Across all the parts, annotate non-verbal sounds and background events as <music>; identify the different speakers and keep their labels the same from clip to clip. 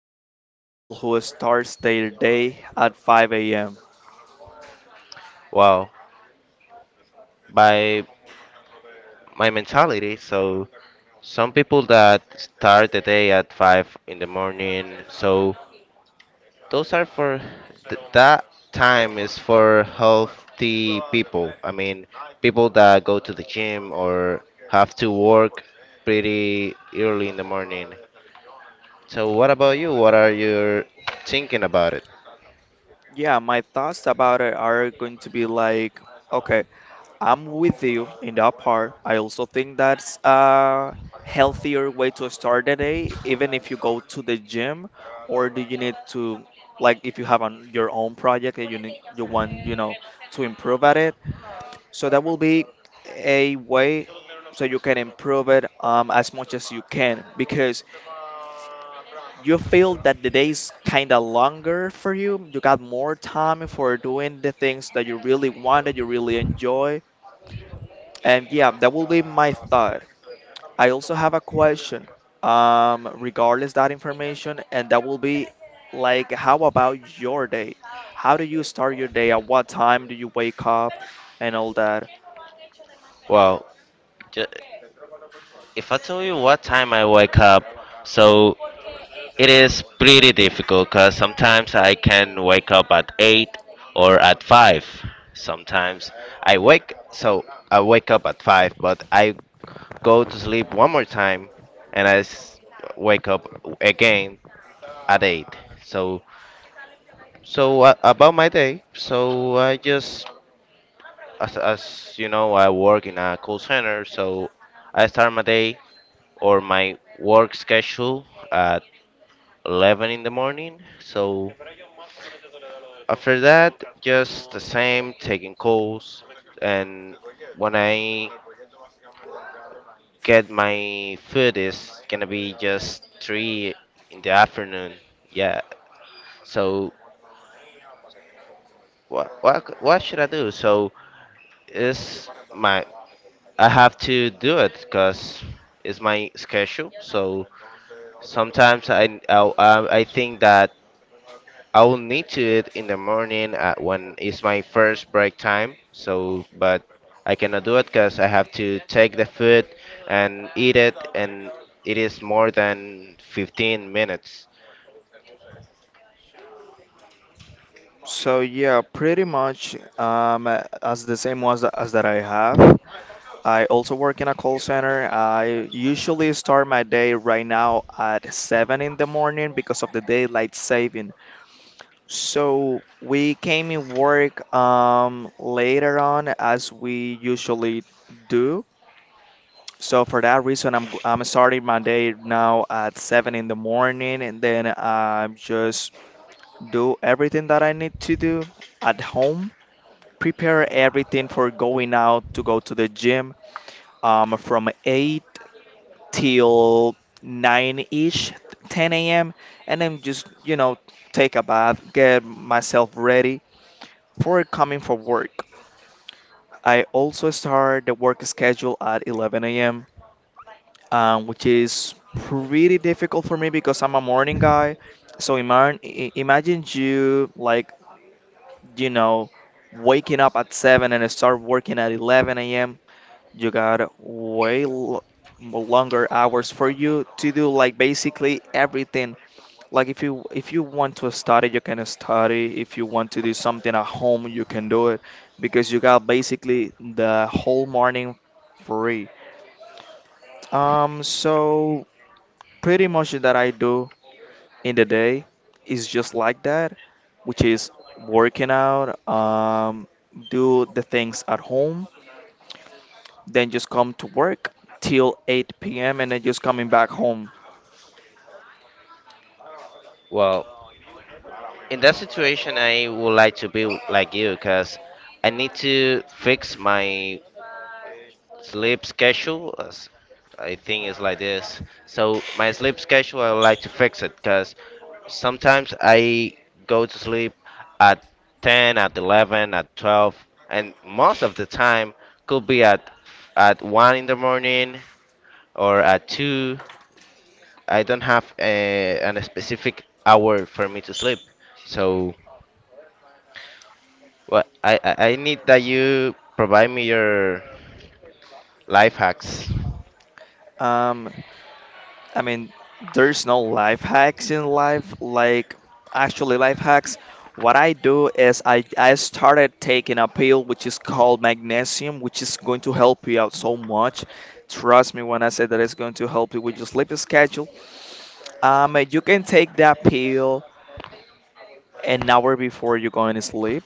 Speaker 1: about it, the people who starts their day at 5 a.m.?
Speaker 2: Well, by my mentality, so some people that start the day at 5 in the morning, so those are for that time is for healthy people. I mean, people that go to the gym or have to work pretty early in the morning. So what about you? What are you thinking about it?
Speaker 1: Yeah, my thoughts about it are going to be like, okay, I'm with you in that part. I also think that's a healthier way to start the day, even if you go to the gym, or do you need to, like, if you have on your own project that you need, you want, you know, to improve at it. So that will be a way so you can improve it as much as you can because you feel that the day is kind of longer for you. You got more time for doing the things that you really want, that you really enjoy. And yeah, that will be my thought. I also have a question regardless that information, and that will be like, how about your day? How do you start your day? At what time do you wake up and all?
Speaker 2: Well, ju- if I tell you what time I wake up, so it is pretty difficult because sometimes I can wake up at 8 or at 5. Sometimes I wake up at 5, but I go to sleep one more time and I wake up again at 8. So, so, about my day, so I just, as you know, I work in a call center, so I start my day or my work schedule at 11 in the morning. So after that, just the same, taking calls. And when I get my food, it's gonna be just 3 in the afternoon. Yeah. So what should I do? So it's my I have to do it because it's my schedule. So sometimes I think that I will need to eat in the morning at when it's my first break time. So, but I cannot do it because I have to take the food and eat it, and it is more than 15 minutes.
Speaker 1: So yeah, pretty much as the same was as that I have. I also work in a call center. I usually start my day right now at 7 in the morning because of the daylight saving. So we came in work later on as we usually do. So for that reason, I'm starting my day now at 7 in the morning and then I just do everything that I need to do at home, prepare everything for going out to go to the gym from 8 till 9-ish, 10 a.m. And then just, you know, take a bath, get myself ready for coming for work. I also start the work schedule at 11 a.m., which is pretty difficult for me because I'm a morning guy. So imagine you like, you know, waking up at 7 and start working at 11 a.m. You got way l longer hours for you to do like basically everything. Like if you want to study, you can study. If you want to do something at home, you can do it because you got basically the whole morning free. So pretty much that I do in the day is just like that, which is working out, do the things at home, then just come to work till 8 p.m. and then just coming back home.
Speaker 2: Well, in that situation, I would like to be like you because I need to fix my sleep schedule. I think it's like this. So my sleep schedule, I would like to fix it because sometimes I go to sleep at 10, at 11, at 12, and most of the time could be at 1 in the morning or at 2. I don't have an specific hour for me to sleep. So what I need that you provide me your life hacks.
Speaker 1: Um, I mean, there's no life hacks in life, like actually life hacks. What I do is I started taking a pill which is called magnesium, which is going to help you out so much. Trust me when I say that it's going to help you with your sleep schedule. You can take that pill an hour before you're going to sleep.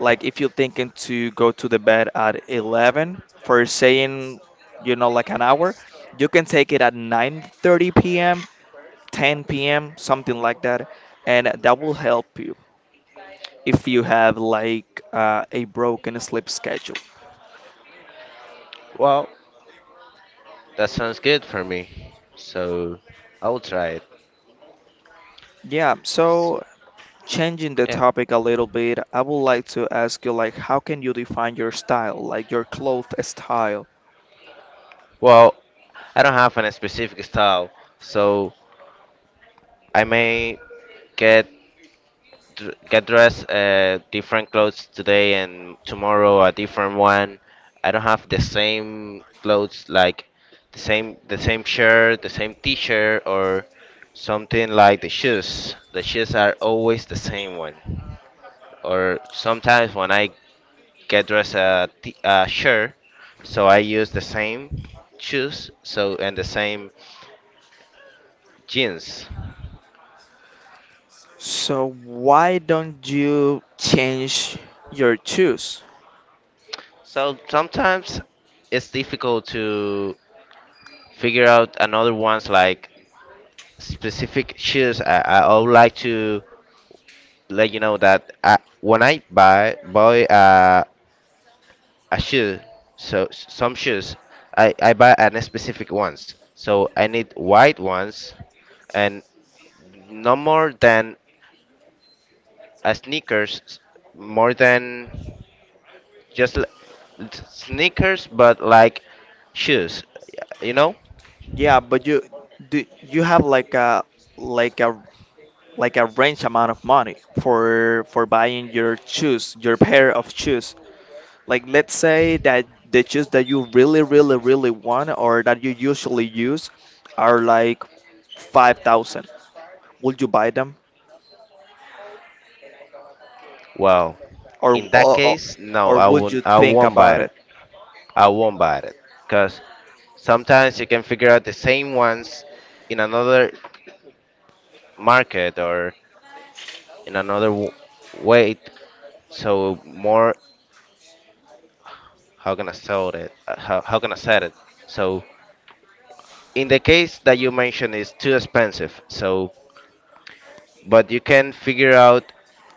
Speaker 1: Like if you're thinking to go to the bed at 11 for saying, you know, like an hour, you can take it at 9:30 p.m., 10 p.m., something like that, and that will help you if you have like a broken sleep schedule.
Speaker 2: Well, that sounds good for me. So I will try it.
Speaker 1: Yeah, so changing the
Speaker 2: Yeah.
Speaker 1: topic a little bit, I would like to ask you like how can you define your style, like your cloth style?
Speaker 2: Well, I don't have any specific style, so I may get get dressed different clothes today and tomorrow a different one. I don't have the same clothes like the same shirt, the same t-shirt or something like the shoes. The shoes are always the same one. Or sometimes when I Kedra's shirt, so I use the same shoes, so and the same jeans.
Speaker 1: So why don't you change your shoes?
Speaker 2: So sometimes it's difficult to figure out another ones like specific shoes. I would like to let you know that when I buy a shoe, so some shoes, I buy an specific ones. So I need white ones and no more than a sneakers more than just it's sneakers, but like shoes, you know?
Speaker 1: Yeah, but you, do you have like like a a range amount of money for buying your shoes, your pair of shoes. Like let's say that the shoes that you really, really, really want or that you usually use are like 5,000. Would you buy them
Speaker 2: Well,
Speaker 1: or,
Speaker 2: in that case, no,
Speaker 1: or
Speaker 2: I
Speaker 1: would
Speaker 2: won't.
Speaker 1: you
Speaker 2: I
Speaker 1: think
Speaker 2: won't buy
Speaker 1: about
Speaker 2: it.
Speaker 1: it?
Speaker 2: I won't buy it because sometimes you can figure out the same ones in another market or in another way. So more, how can I sell it? How can I sell it? So in the case that you mentioned, it's too expensive. So but you can figure out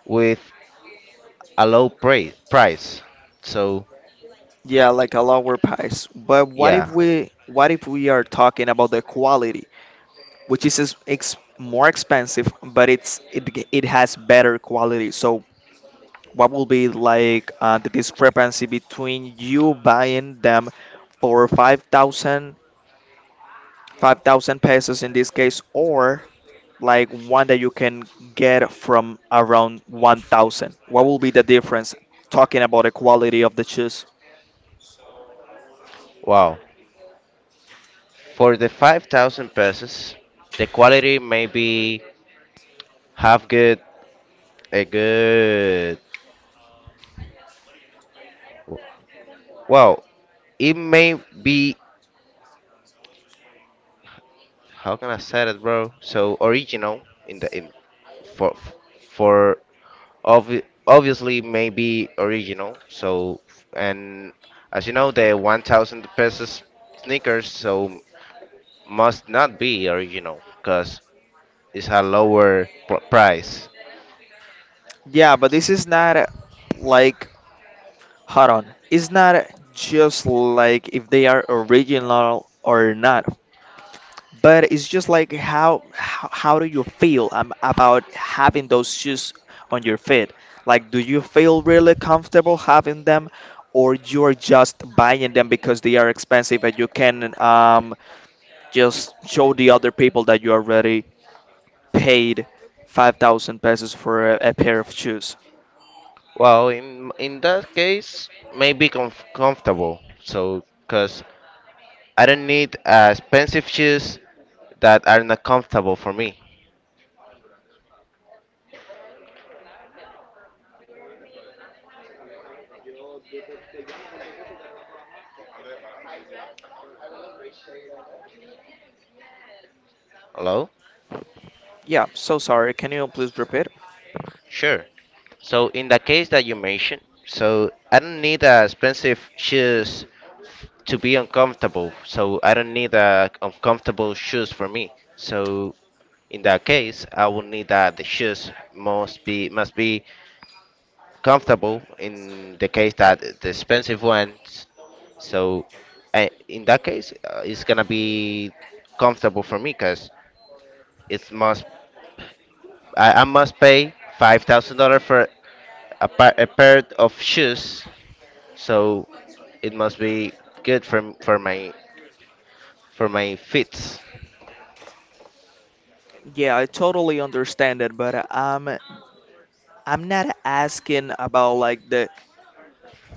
Speaker 2: with a low price. So
Speaker 1: Yeah, like a lower price. But
Speaker 2: yeah,
Speaker 1: what if we are talking about the quality? Which is more expensive, but it has better quality. So what will be like the discrepancy between you buying them for 5,000 pesos in this case, or like one that you can get from around 1,000? What will be the difference? Talking about the quality of the shoes.
Speaker 2: wow. For the 5,000 pesos, the quality may be half good, a good. Well, it may be how can I say it, bro? So original in for for obvi- obviously maybe original. So and as you know, the 1,000 pesos sneakers. So must not be original because it's a lower price.
Speaker 1: Yeah, but this is not like hold on. It's not just like if they are original or not, but it's just like how do you feel about having those shoes on your feet? Like, do you feel really comfortable having them, or you're just buying them because they are expensive and you can just show the other people that you already paid 5,000 pesos for a pair of shoes?
Speaker 2: Well, in that case, maybe comfortable. So, because I don't need expensive shoes that are not comfortable for me. Hello?
Speaker 1: Yeah, so sorry. Can you please repeat?
Speaker 2: Sure. So, in the case that you mentioned, so I don't need expensive shoes to be uncomfortable. So, I don't need uncomfortable shoes for me. So, in that case, I would need that the shoes must be comfortable. In the case that the expensive ones, so in that case, it's gonna be comfortable for me because it must I must pay $5,000 for a pair of shoes. So it must be good for my feet.
Speaker 1: Yeah, I totally understand it, but I'm not asking about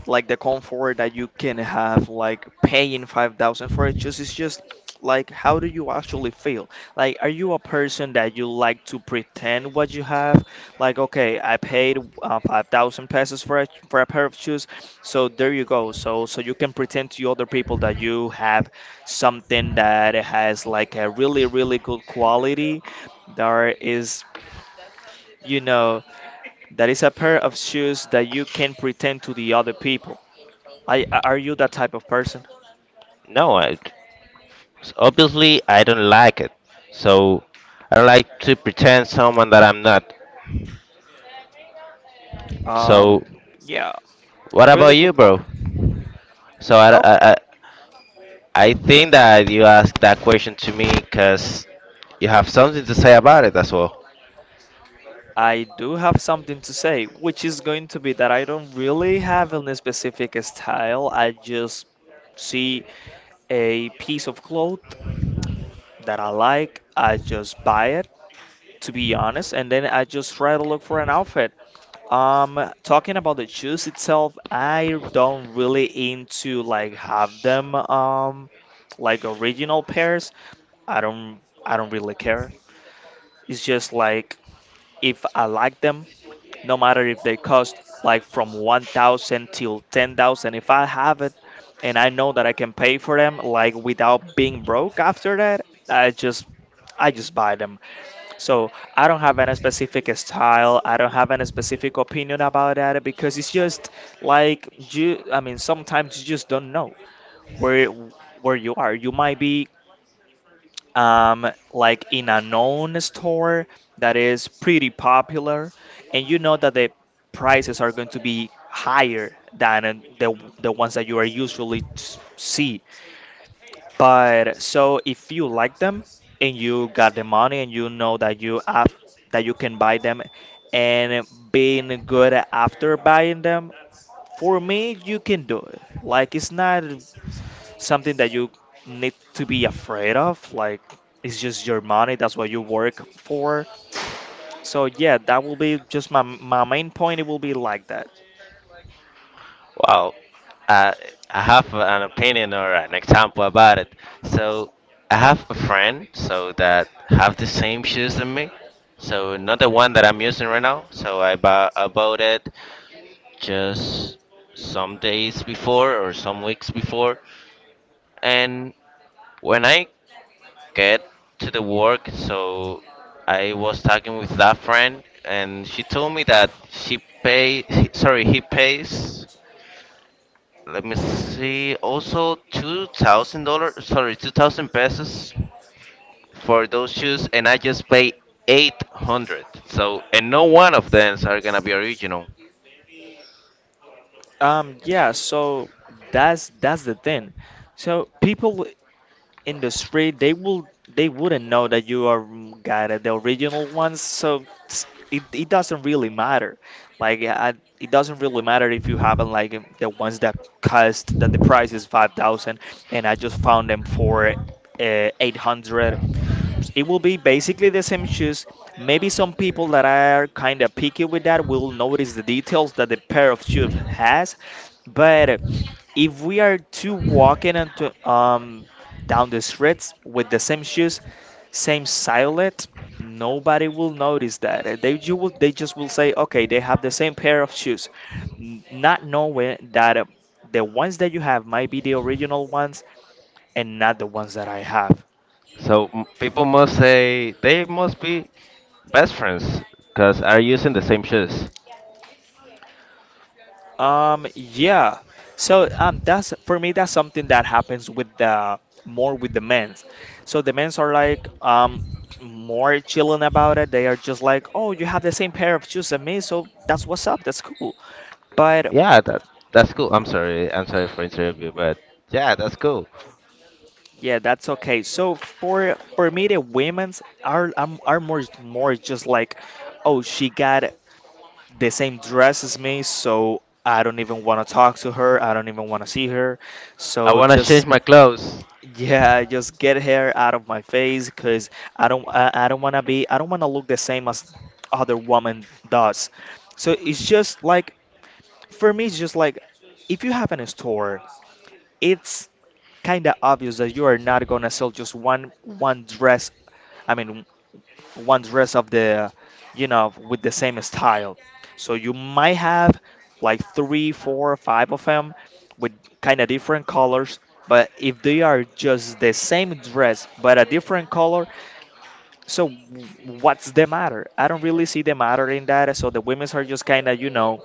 Speaker 1: like the comfort that you can have like paying 5,000 for it. Just like how do you actually feel, like are you a person that you like to pretend what you have? Like, okay, I paid 5,000 pesos for for a pair of shoes, so there you go, so you can pretend to other people that you have something that has like a really, really good quality. There is, you know, that is a pair of shoes that you can pretend to the other people. I Are you that type of person?
Speaker 2: No, so obviously, I don't like it. So I don't like to pretend someone that I'm not. So
Speaker 1: Um, yeah,
Speaker 2: what
Speaker 1: really
Speaker 2: about you,
Speaker 1: good
Speaker 2: bro?
Speaker 1: point.
Speaker 2: So I, I,
Speaker 1: Okay.
Speaker 2: I I think that you asked that question to me because you have something to say about it as well.
Speaker 1: I do have something to say, which is going to be that I don't really have any specific style. I just see a piece of cloth that I like, I just buy it, to be honest, and then I just try to look for an outfit. Talking about the shoes itself, I don't really into like have them like original pairs. I don't really care. It's just like if I like them, no matter if they cost like from 1,000 till 10,000, if I have it and I know that I can pay for them like without being broke after that, I just I just buy them. So I don't have any specific style. I don't have any specific opinion about that because it's just like you. I mean, sometimes you just don't know where where you are. You might be like in a known store that is pretty popular, and you know that the prices are going to be higher than the the ones that you are usually see. But so if you like them and you got the money and you know that you have that you can buy them and being good after buying them, for me you can do it. Like it's not something that you need to be afraid of. Like it's just your money. That's what you work for. So yeah, that will be just my main point. It will be like that.
Speaker 2: Well, I, I have an opinion or an example about it. So I have a friend so that have the same shoes than me. So not the one that I'm using right now. So I bought it just some days before or some weeks before. And when I get to the work, so I was talking with that friend, and she told me that she pay, <laughs> sorry, he pays. Let me see, also $2,000, sorry, 2,000 pesos for those shoes, and I just pay 800. So, and no one of them are gonna be original.
Speaker 1: Yeah. So that's the thing. So people industry, they wouldn't know that you are got it, the original ones. So it's- it, it doesn't really matter. Like I, it doesn't really matter if you have like the ones that cost, that the price is 5,000 and I just found them for 800. It will be basically the same shoes. Maybe some people that are kind of picky with that will notice the details that the pair of shoes has, but if we are two walking into, down the streets with the same shoes, same silhouette, nobody will notice that. They you will they just will say, okay, they have the same pair of shoes, not knowing that the ones that you have might be the original ones and not the ones that I have.
Speaker 2: So people must say they must be best friends because are using the same shoes.
Speaker 1: Yeah. So that's for me. That's something that happens with the more with the men's. So the men's are like more chilling about it. They are just like, oh, you have the same pair of shoes as me, so that's what's up. That's cool. But
Speaker 2: Yeah, that's cool. I'm sorry. I'm sorry for interrupting you, but yeah, that's cool.
Speaker 1: yeah, that's okay. So for me, the women's are more just like, oh, she got the same dress as me, so I don't even want to talk to her. I don't even want to see her.
Speaker 2: I
Speaker 1: So
Speaker 2: wanna change
Speaker 1: just,
Speaker 2: my clothes.
Speaker 1: yeah, just get hair out of my face because I don't want to look the same as other woman does. So it's just like for me it's just like if you have in a store, it's kind of obvious that you are not gonna sell just one dress. I mean, one dress of the, you know, with the same style. So you might have like three, four, five of them with kind of different colors. But if they are just the same dress but a different color, so what's the matter? I don't really see the matter in that. So the women's are just kind of, you know,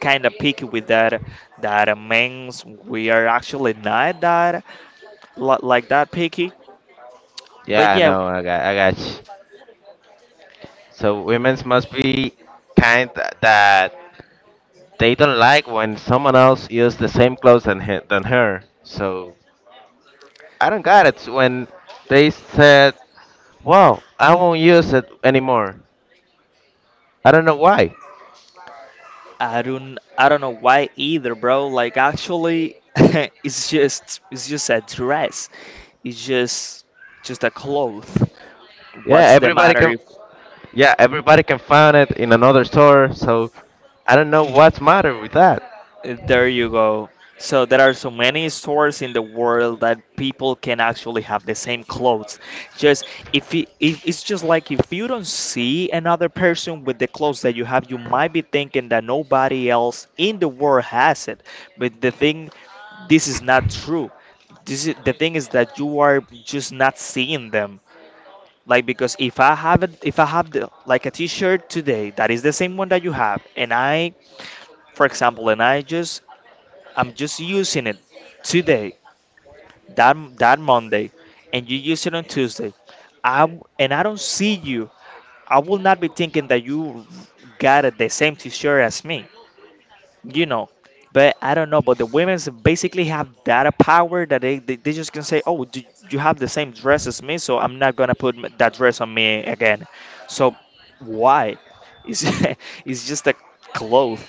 Speaker 1: kind of picky with that. That men's we are actually not that like that picky. But
Speaker 2: Yeah, I
Speaker 1: yeah,
Speaker 2: know. I got. I got you. So women's must be kind that they don't like when someone else use the same clothes than her. So I don't got it when they said, "Well, I won't use it anymore." I don't know why.
Speaker 1: I don't know why either, bro. Like actually <laughs> it's just a dress. It's just a cloth.
Speaker 2: Yeah,
Speaker 1: What's the
Speaker 2: everybody
Speaker 1: matter
Speaker 2: can.
Speaker 1: if
Speaker 2: Yeah, everybody can find it in another store. So I don't know what's matter with that.
Speaker 1: uh, there you go. So there are so many stores in the world that people can actually have the same clothes. Just if it's just like if you don't see another person with the clothes that you have, you might be thinking that nobody else in the world has it. But this is not true. This is the thing is that you are just not seeing them, like because if I have it if I have the, like a t-shirt today that is the same one that you have and I for example and I'm just using it today, that that Monday, and you use it on Tuesday. I w- and i don't see you. I will not be thinking that you got it the same t-shirt as me, you know. But I don't know, but the women's basically have that a power that they just can say, oh, do you have the same dress as me? So I'm not gonna put that dress on me again. So why it's, <laughs> it's just a cloth.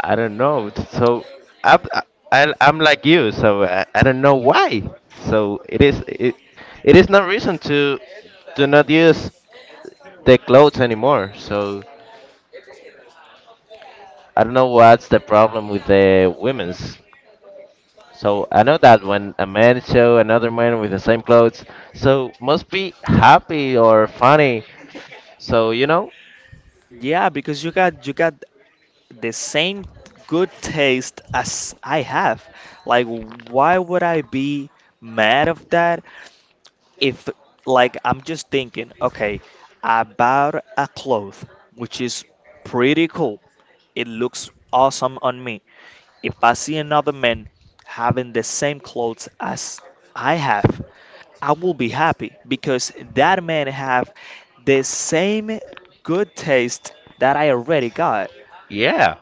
Speaker 2: I don't know. So I'm I'm like you. So I don't know why. So it is no reason to do not use the clothes anymore. So I don't know what's the problem with the women's. So I know that when a man show another man with the same clothes, so must be happy or funny. So you know
Speaker 1: Yeah, because you got the same good taste as I have. Like why would I be mad of that? If like I'm just thinking, okay, I bought a cloth which is pretty cool. It looks awesome on me. If I see another man having the same clothes as I have, I will be happy because that man have the same good taste that I already got.
Speaker 2: yeah,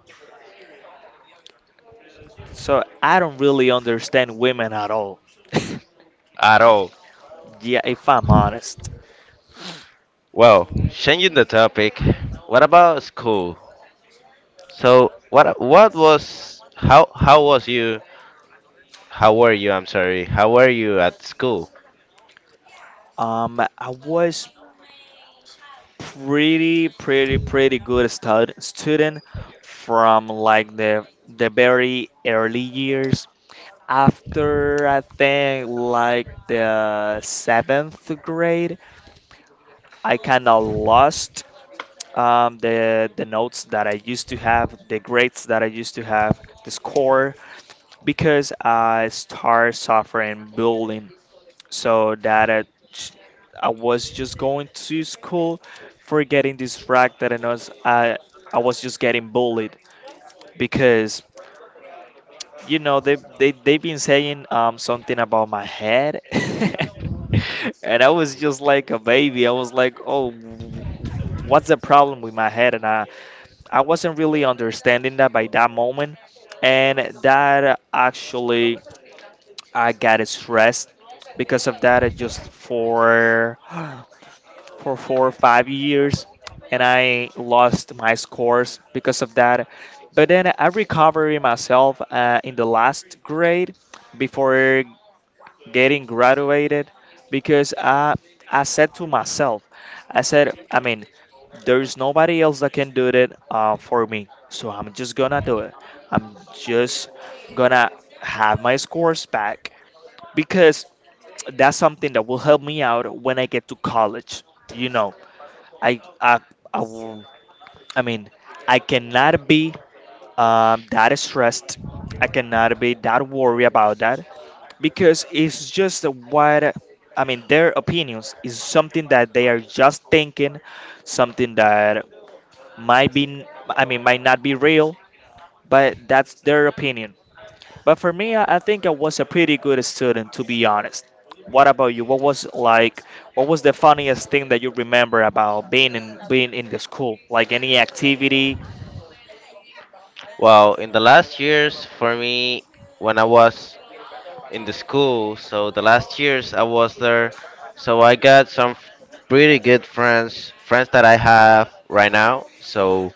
Speaker 1: So I don't really understand women at all. <laughs>
Speaker 2: at all.
Speaker 1: Yeah, if I'm honest.
Speaker 2: Well, changing the topic, what about school? So, what was how was you? How were you? I'm sorry. How were you at school?
Speaker 1: I was pretty good student from like the very early years. After I think like the seventh grade, I kind of lost the notes that I used to have, the grades that I used to have, the score, because I started suffering bullying. So j- I was just going to school for getting distracted, and I was just getting bullied because you know, they've been saying something about my head. <laughs> And I was just like a baby. I was like, "Oh, what's the problem with my head?" And I wasn't really understanding that by that moment. And that actually I got stressed because of that. I just for <gasps> for 4 or 5 years and I lost my scores because of that. But then I recovered it myself in the last grade before getting graduated, because I said to myself, I said, I mean, there's nobody else that can do it for me. So I'm just gonna do it. I'm just gonna have my scores back because that's something that will help me out when I get to college, you know. I I I, w- I mean, I cannot be that stressed. I cannot be that worried about that because it's just what, I mean, their opinions is something that they are just thinking, something that might not be real, but that's their opinion. But for me, I think I was a pretty good student, to be honest. What about you? What was like, what was the funniest thing that you remember about being in the school? Like any activity?
Speaker 2: Well, in the last years for me, when I was in the school, so the last years I was there, so I got some pretty good friends that I have right now. So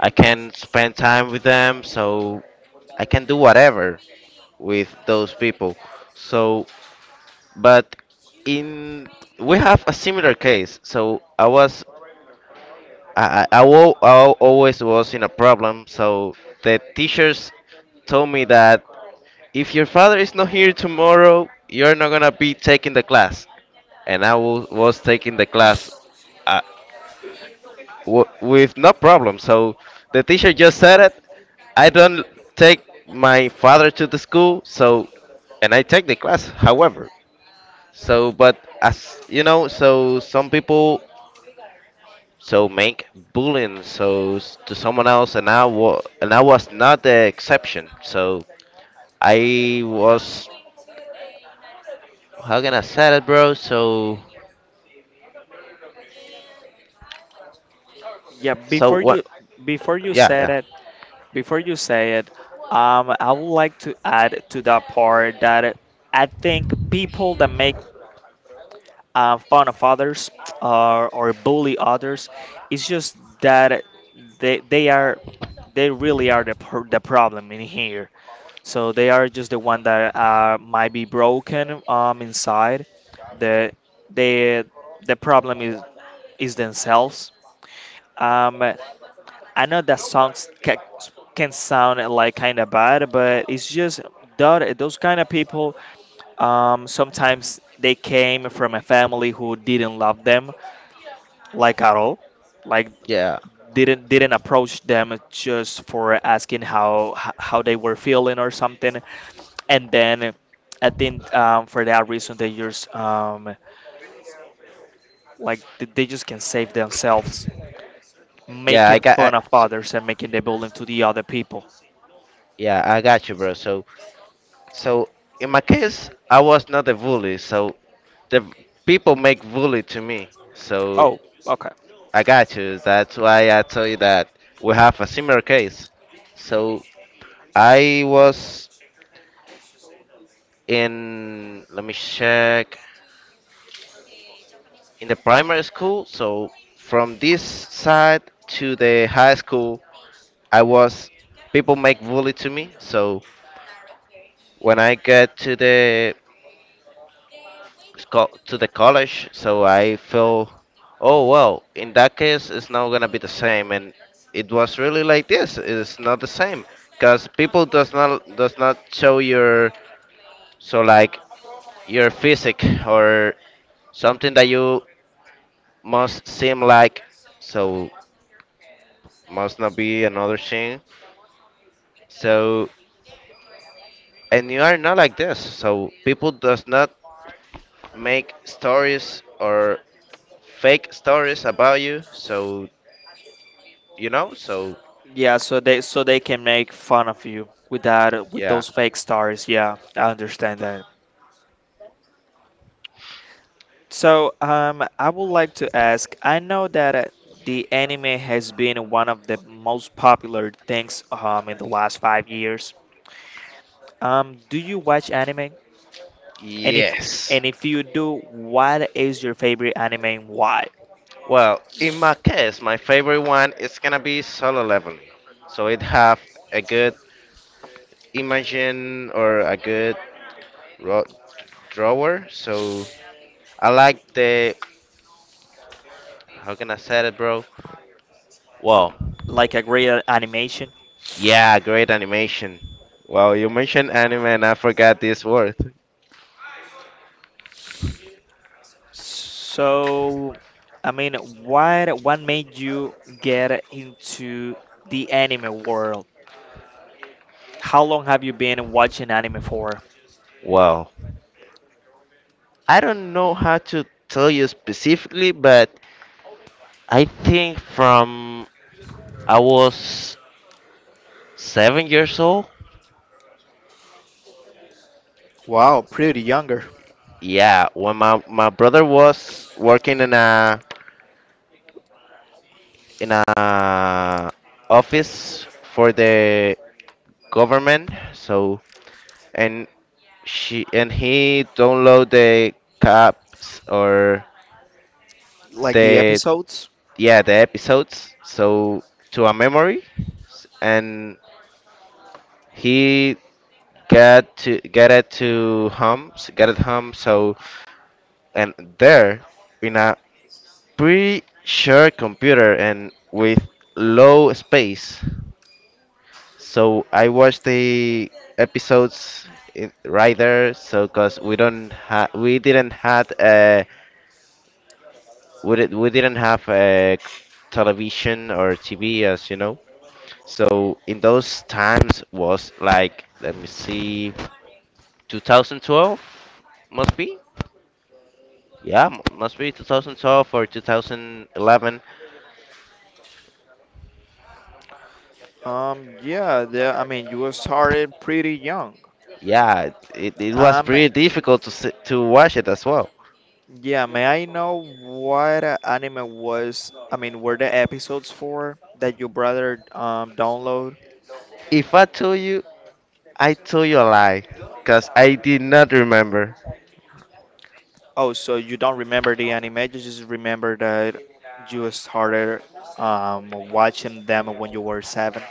Speaker 2: I can spend time with them. So I can do whatever with those people. So, but in we have a similar case. So I was I wa- I always was in a problem. So the teachers told me that if your father is not here tomorrow, you're not gonna be taking the class. And I was taking the class uh, with no problem. So the teacher just said it. I don't take my father to the school. So and I take the class. However. So, but as you know, so some people so make bullying so to someone else, and I was not the exception. So I was how can I say it, bro? So
Speaker 1: Yeah, before you
Speaker 2: what?
Speaker 1: before you
Speaker 2: Yeah,
Speaker 1: said
Speaker 2: yeah,
Speaker 1: it, before you say it, I would like to add to that part that I think people that make fun of others or bully others, it's just that they they are they really are the problem in here. So they are just the one that might be broken inside. The the the problem is themselves. Um, I know that sounds can sound like kind of bad, but it's just that those kind of people. Sometimes they came from a family who didn't love them like at all, like
Speaker 2: yeah,
Speaker 1: didn't approach them just for asking how how they were feeling or something. And then I think for that reason they just they just can save themselves
Speaker 2: yeah. I
Speaker 1: making
Speaker 2: got I,
Speaker 1: fun of
Speaker 2: so,
Speaker 1: others and making the bullying to the other people.
Speaker 2: Yeah, I got you, bro. So so in my case, I was not a bully. So the people make bully to me. So
Speaker 1: Oh, okay.
Speaker 2: I got you. That's why I tell you that we have a similar case. So I was in, let me check, in the primary school. So from this side to the high school, I was, people make bully to me. So when I get to the to the college. So I feel, oh well, in that case, it's not gonna be the same. And it was really like this. It's not the same because people does not show your so like your physique or something that you must seem like. So must not be another thing. So and you are not like this. So people does not make stories or fake stories about you. So you know so
Speaker 1: Yeah, so they, so they can make fun of you with that, with
Speaker 2: yeah.
Speaker 1: those fake stars. Yeah, I understand that. So I would like to ask. I know that the anime has been one of the most popular things in the last 5 years. Do you watch anime? And if,
Speaker 2: Yes.
Speaker 1: and if you do, what is your favorite anime and why?
Speaker 2: Well, in my case, my favorite one is gonna be Solo Leveling. So it have a good imagine or a good ro- drawer. So I like the how can I say it, bro? Well,
Speaker 1: Like a great animation.
Speaker 2: yeah, great animation. Well, you mentioned anime and I forgot this word.
Speaker 1: So, I mean, what made you get into the anime world? How long have you been watching anime for?
Speaker 2: Well, I don't know how to tell you specifically, but I think from I was 7 years old.
Speaker 1: Wow, pretty younger.
Speaker 2: Yeah, when my brother was working in a office for the government, so and she and he download the caps or
Speaker 1: Like the
Speaker 2: the
Speaker 1: episodes?
Speaker 2: yeah the episodes so to a memory, and he got to get it to home, s- get it home. So and there in a pretty short computer and with low space. So I watched the episodes in, right there. So cause we don't ha we didn't had we did, we didn't have a television or TV as you know. So in those times was like, let me see, 2012, must be, yeah, must be 2012 or 2011.
Speaker 1: Yeah, the, I mean, you started pretty young.
Speaker 2: Yeah, it was
Speaker 1: Um,
Speaker 2: pretty difficult to watch it as well.
Speaker 1: Yeah, may I know what anime was, I mean, were the episodes for that your brother download?
Speaker 2: If I told you, I told you a lie, cause I did not remember.
Speaker 1: Oh, so you don't remember the anime, you just remember that you started watching them when you were seven.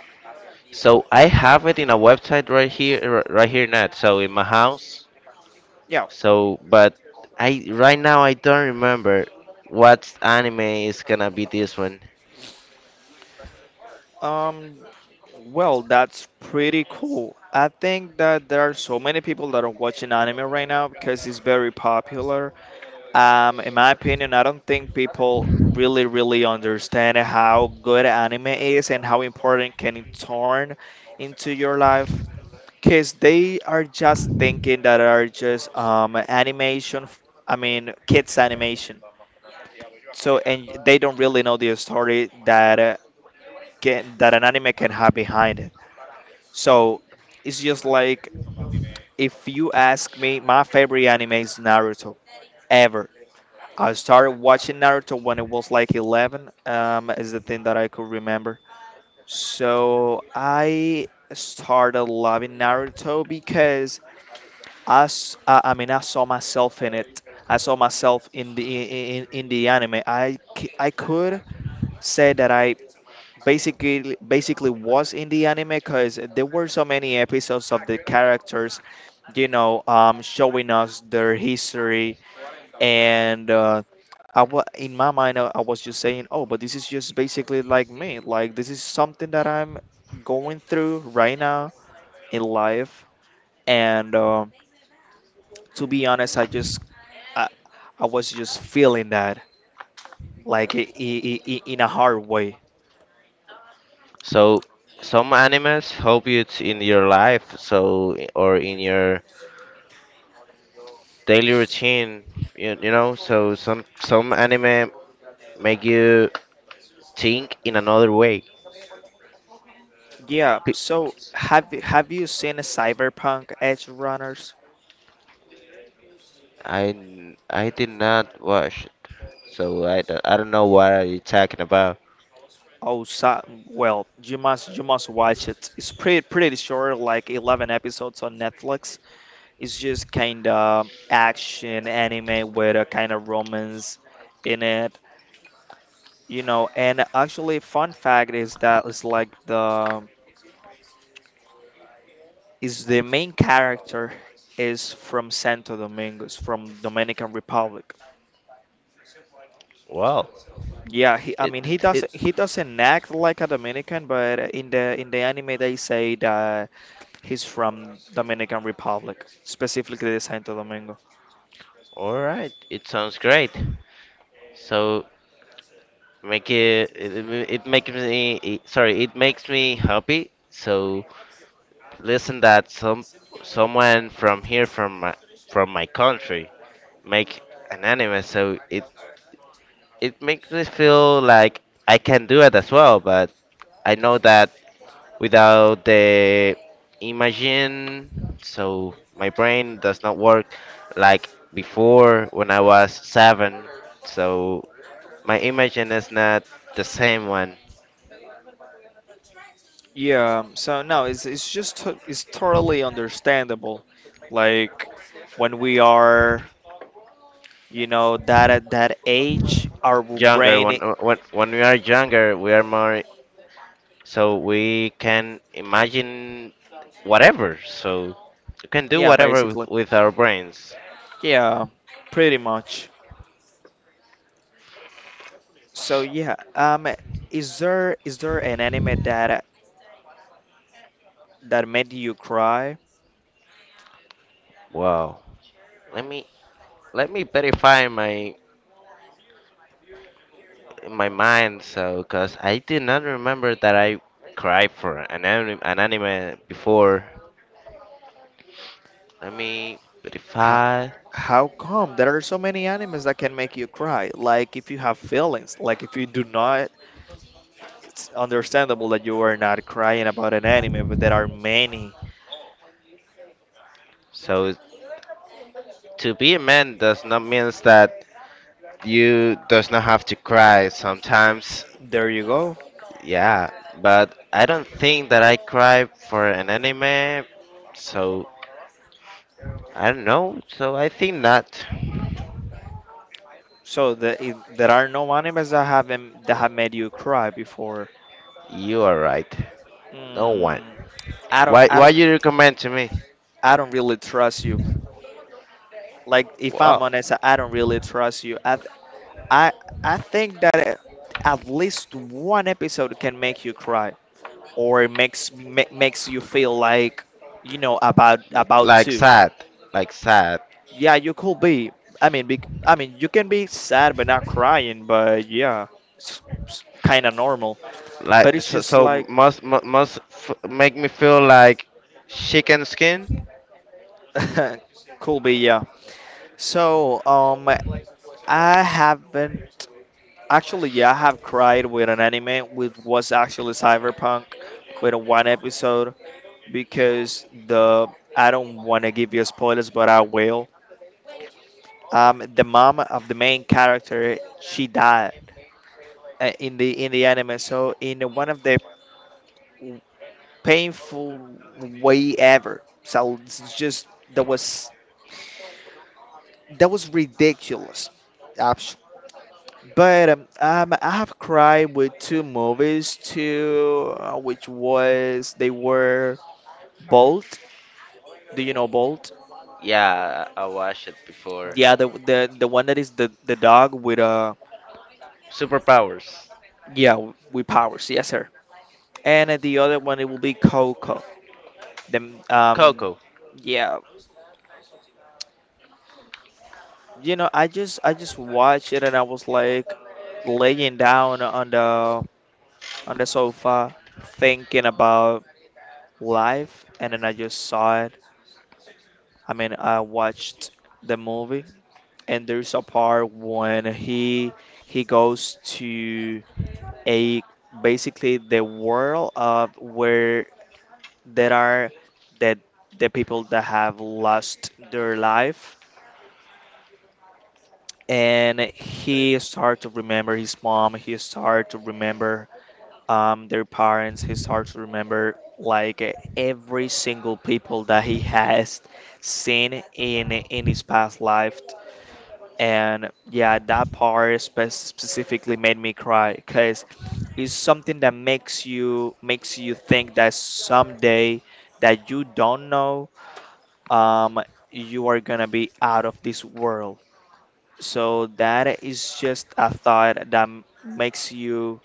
Speaker 2: So I have it in a website right here, right here now. So in my house.
Speaker 1: Yeah.
Speaker 2: So, but I right now I don't remember what anime is gonna be this one.
Speaker 1: Um, well, that's pretty cool. I think that there are so many people that are watching anime right now because it's very popular. In my opinion, I don't think people really, really understand how good anime is and how important can it turn into your life. Cause they are just thinking that are just animation. I mean, kids animation. So and they don't really know the story that can that an anime can have behind it. So it's just like if you ask me, my favorite anime is Naruto ever. I started watching Naruto when it was like 11, is the thing that I could remember. So I started loving Naruto because I mean, I saw myself in it. I saw myself in the, in the anime. I could say that I basically was in the anime because there were so many episodes of the characters, you know, showing us their history and I wa in my mind, I was just saying, oh, but this is just basically like me. Like this is something that I'm going through right now in life. And to be honest, I, I was just feeling that like I in a hard way.
Speaker 2: So some animes help in your life, so, or in your daily routine. So some anime make you think in another way.
Speaker 1: Yeah.
Speaker 2: Pe-
Speaker 1: So have you seen Cyberpunk Edge Runners?
Speaker 2: I did not watch, so I don't know what are you talking about.
Speaker 1: Oh, so, well, you must watch it. It's pretty pretty short, like 11 episodes on Netflix. It's just kind of action anime with a kind of romance in it, you know. And actually, fun fact is that it's like the is the main character is from Santo Domingo, is from Dominican Republic.
Speaker 2: Wow!
Speaker 1: Yeah, he, I
Speaker 2: it
Speaker 1: mean
Speaker 2: it,
Speaker 1: he
Speaker 2: it
Speaker 1: doesn't he doesn't act like a Dominican, but in the, in the anime they say that he's from Dominican Republic, specifically the Santo Domingo.
Speaker 2: all right. it sounds great. So make it it, it it makes me it- sorry, it makes me happy. So listen that someone from here from my country make an anime. So it makes me feel like I can do it as well. But I know that, without the imagine. So my brain does not work like before when I was seven. So my imagine is not the same one.
Speaker 1: Yeah, so no, it's totally understandable. Like when we are, you know, that at that age, our
Speaker 2: Younger when we are younger, we are more, so we can imagine whatever. So we can do
Speaker 1: yeah,
Speaker 2: whatever with,
Speaker 1: basically,
Speaker 2: with our brains.
Speaker 1: yeah, pretty much. So yeah, is there an anime that that made you cry?
Speaker 2: Wow. Let me let me verify my in my mind, so, because I did not remember that I cried for an anime before. Let me
Speaker 1: How,
Speaker 2: verify.
Speaker 1: how come there are so many animes that can make you cry? Like if you have feelings, like if you do not, it's understandable that you are not crying about an anime, but there are many.
Speaker 2: So, to be a man does not means that you does not have to cry sometimes.
Speaker 1: There you go.
Speaker 2: Yeah, but I don't think that I cry for an anime. So I don't know. So I think not.
Speaker 1: So there are no animes that haven't that have made you cry before.
Speaker 2: You are right. No one.
Speaker 1: Mm, I don't
Speaker 2: Why?
Speaker 1: I
Speaker 2: Why
Speaker 1: don't
Speaker 2: you recommend to me?
Speaker 1: I don't really trust you. Like if I'm
Speaker 2: Well,
Speaker 1: honest, I don't really trust you. I I think that at least one episode can make you cry or it makes you feel like you know about
Speaker 2: like
Speaker 1: to.
Speaker 2: sad, like sad.
Speaker 1: Yeah, you could be. I mean, bec I mean, you can be sad but not crying, but yeah, it's kind of normal. But
Speaker 2: Like
Speaker 1: it's
Speaker 2: so,
Speaker 1: just
Speaker 2: so
Speaker 1: like
Speaker 2: must mu- must f make me feel like chicken skin.
Speaker 1: <laughs> could be, yeah. So, I haven't actually, yeah, I have cried with an anime which was actually Cyberpunk with one episode because the I don't want to give you spoilers, but I will. The mom of the main character, she died in the, in the anime. So, in one of the painful way ever. So it's just that was that was ridiculous. But I have cried with two movies too, which was they were Bolt. Do you know Bolt?
Speaker 2: Yeah, I watched it before.
Speaker 1: Yeah, the one that is the dog with
Speaker 2: Superpowers.
Speaker 1: yeah with powers. Yes, sir. And the other one it will be Coco. Then
Speaker 2: Coco.
Speaker 1: yeah, you know I just watched it and I was like laying down on the, on the sofa, thinking about life, and then I just saw it I mean, I watched the movie, and there's a part when he goes to a basically the world of where there are the the people that have lost their life, and he start to remember his mom. He start to remember their parents. He start to remember like every single people that he has seen in his past life. And yeah, that part specifically made me cry because it's something that makes you, makes you think that someday, that you don't know, um, you are gonna be out of this world. So that is just a thought that makes you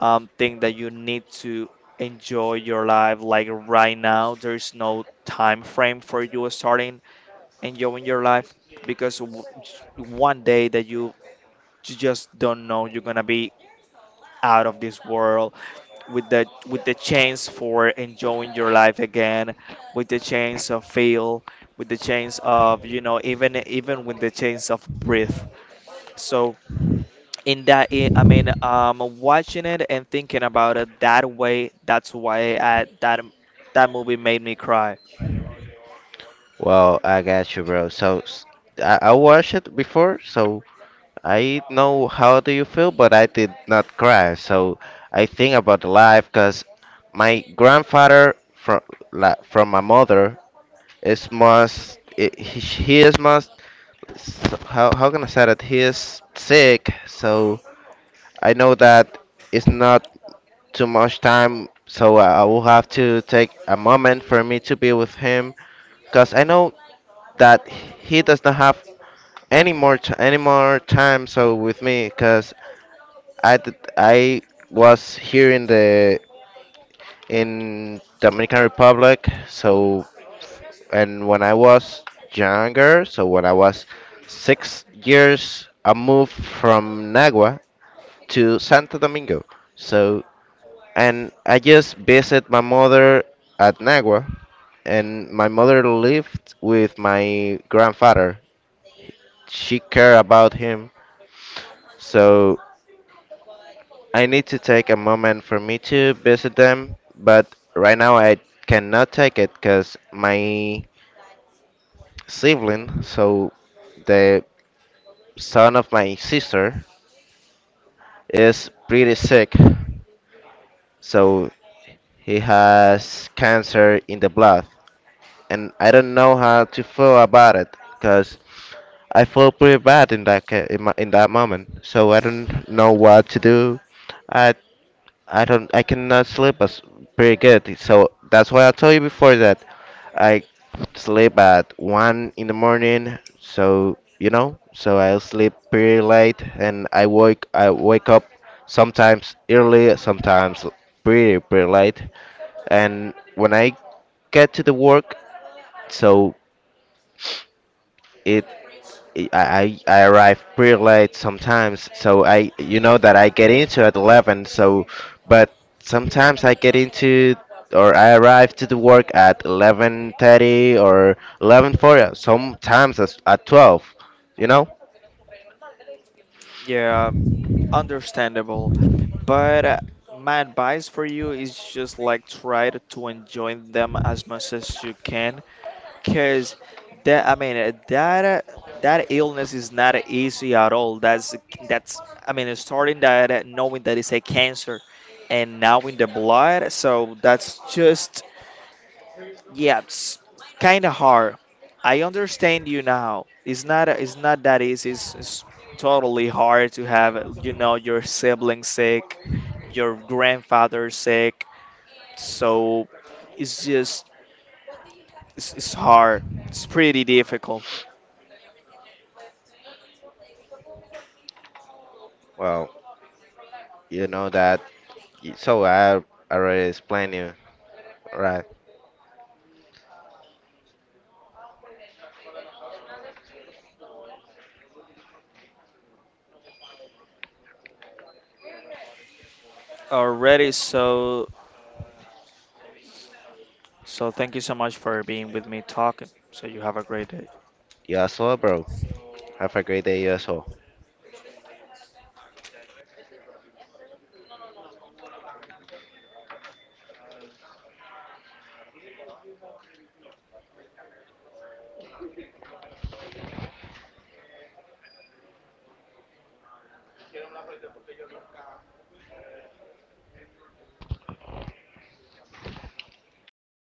Speaker 1: think that you need to enjoy your life. Like right now, there's no time frame for you starting enjoying your life because one day that you just don't know, you're gonna be out of this world with the, with the chance for enjoying your life again, with the chance of feel, with the chance of you know, even even with the chance of breathe. So in that I mean watching it and thinking about it that way, that's why I that that movie made me cry.
Speaker 2: Well, I got you, bro. So, I watched it before, so I know how do you feel, but I did not cry. So I think about life, cause my grandfather from like, from my mother he is most, so how can I say that he is sick. So I know that it's not too much time, so I will have to take a moment for me to be with him, because I know that he does not have any more time so with me, because I was here in the in Dominican Republic. So, and when I was younger, so when I was 6 years, I moved from Nagua to Santo Domingo. So, and I just visit my mother at Nagua, and my mother lived with my grandfather. She cared about him, so I need to take a moment for me to visit them. But right now I cannot take it because my sibling, so the son of my sister, is pretty sick. So he has cancer in the blood. And I don't know how to feel about it because I feel pretty bad in that in that moment. So I don't know what to do. I I cannot sleep as pretty good. So that's why I told you before that I sleep at 1 in the morning. So I sleep pretty late, and I wake up sometimes early, sometimes pretty late. And when I get to the work, so it I arrive pretty late sometimes, so I you know that I get into at 11. So, but sometimes I get into, or I arrive to the work at 11:30 or 11:40, sometimes as at 12. you know
Speaker 1: Yeah, understandable. But my advice for you is just like try to enjoy them as much as you can because that I mean that that illness is not easy at all. That's I mean starting that knowing that it's a cancer, and now in the blood, so that's just yeah, it's kind of hard. I understand you now. It's not that easy. It's totally hard to have you know your sibling sick, your grandfather sick. So it's just it's hard. It's pretty difficult.
Speaker 2: well, you know that, so I already explained you, right?
Speaker 1: Alrighty, so so thank you so much for being with me talking. So you have a great day.
Speaker 2: You as well, bro. Have a great day. You as well.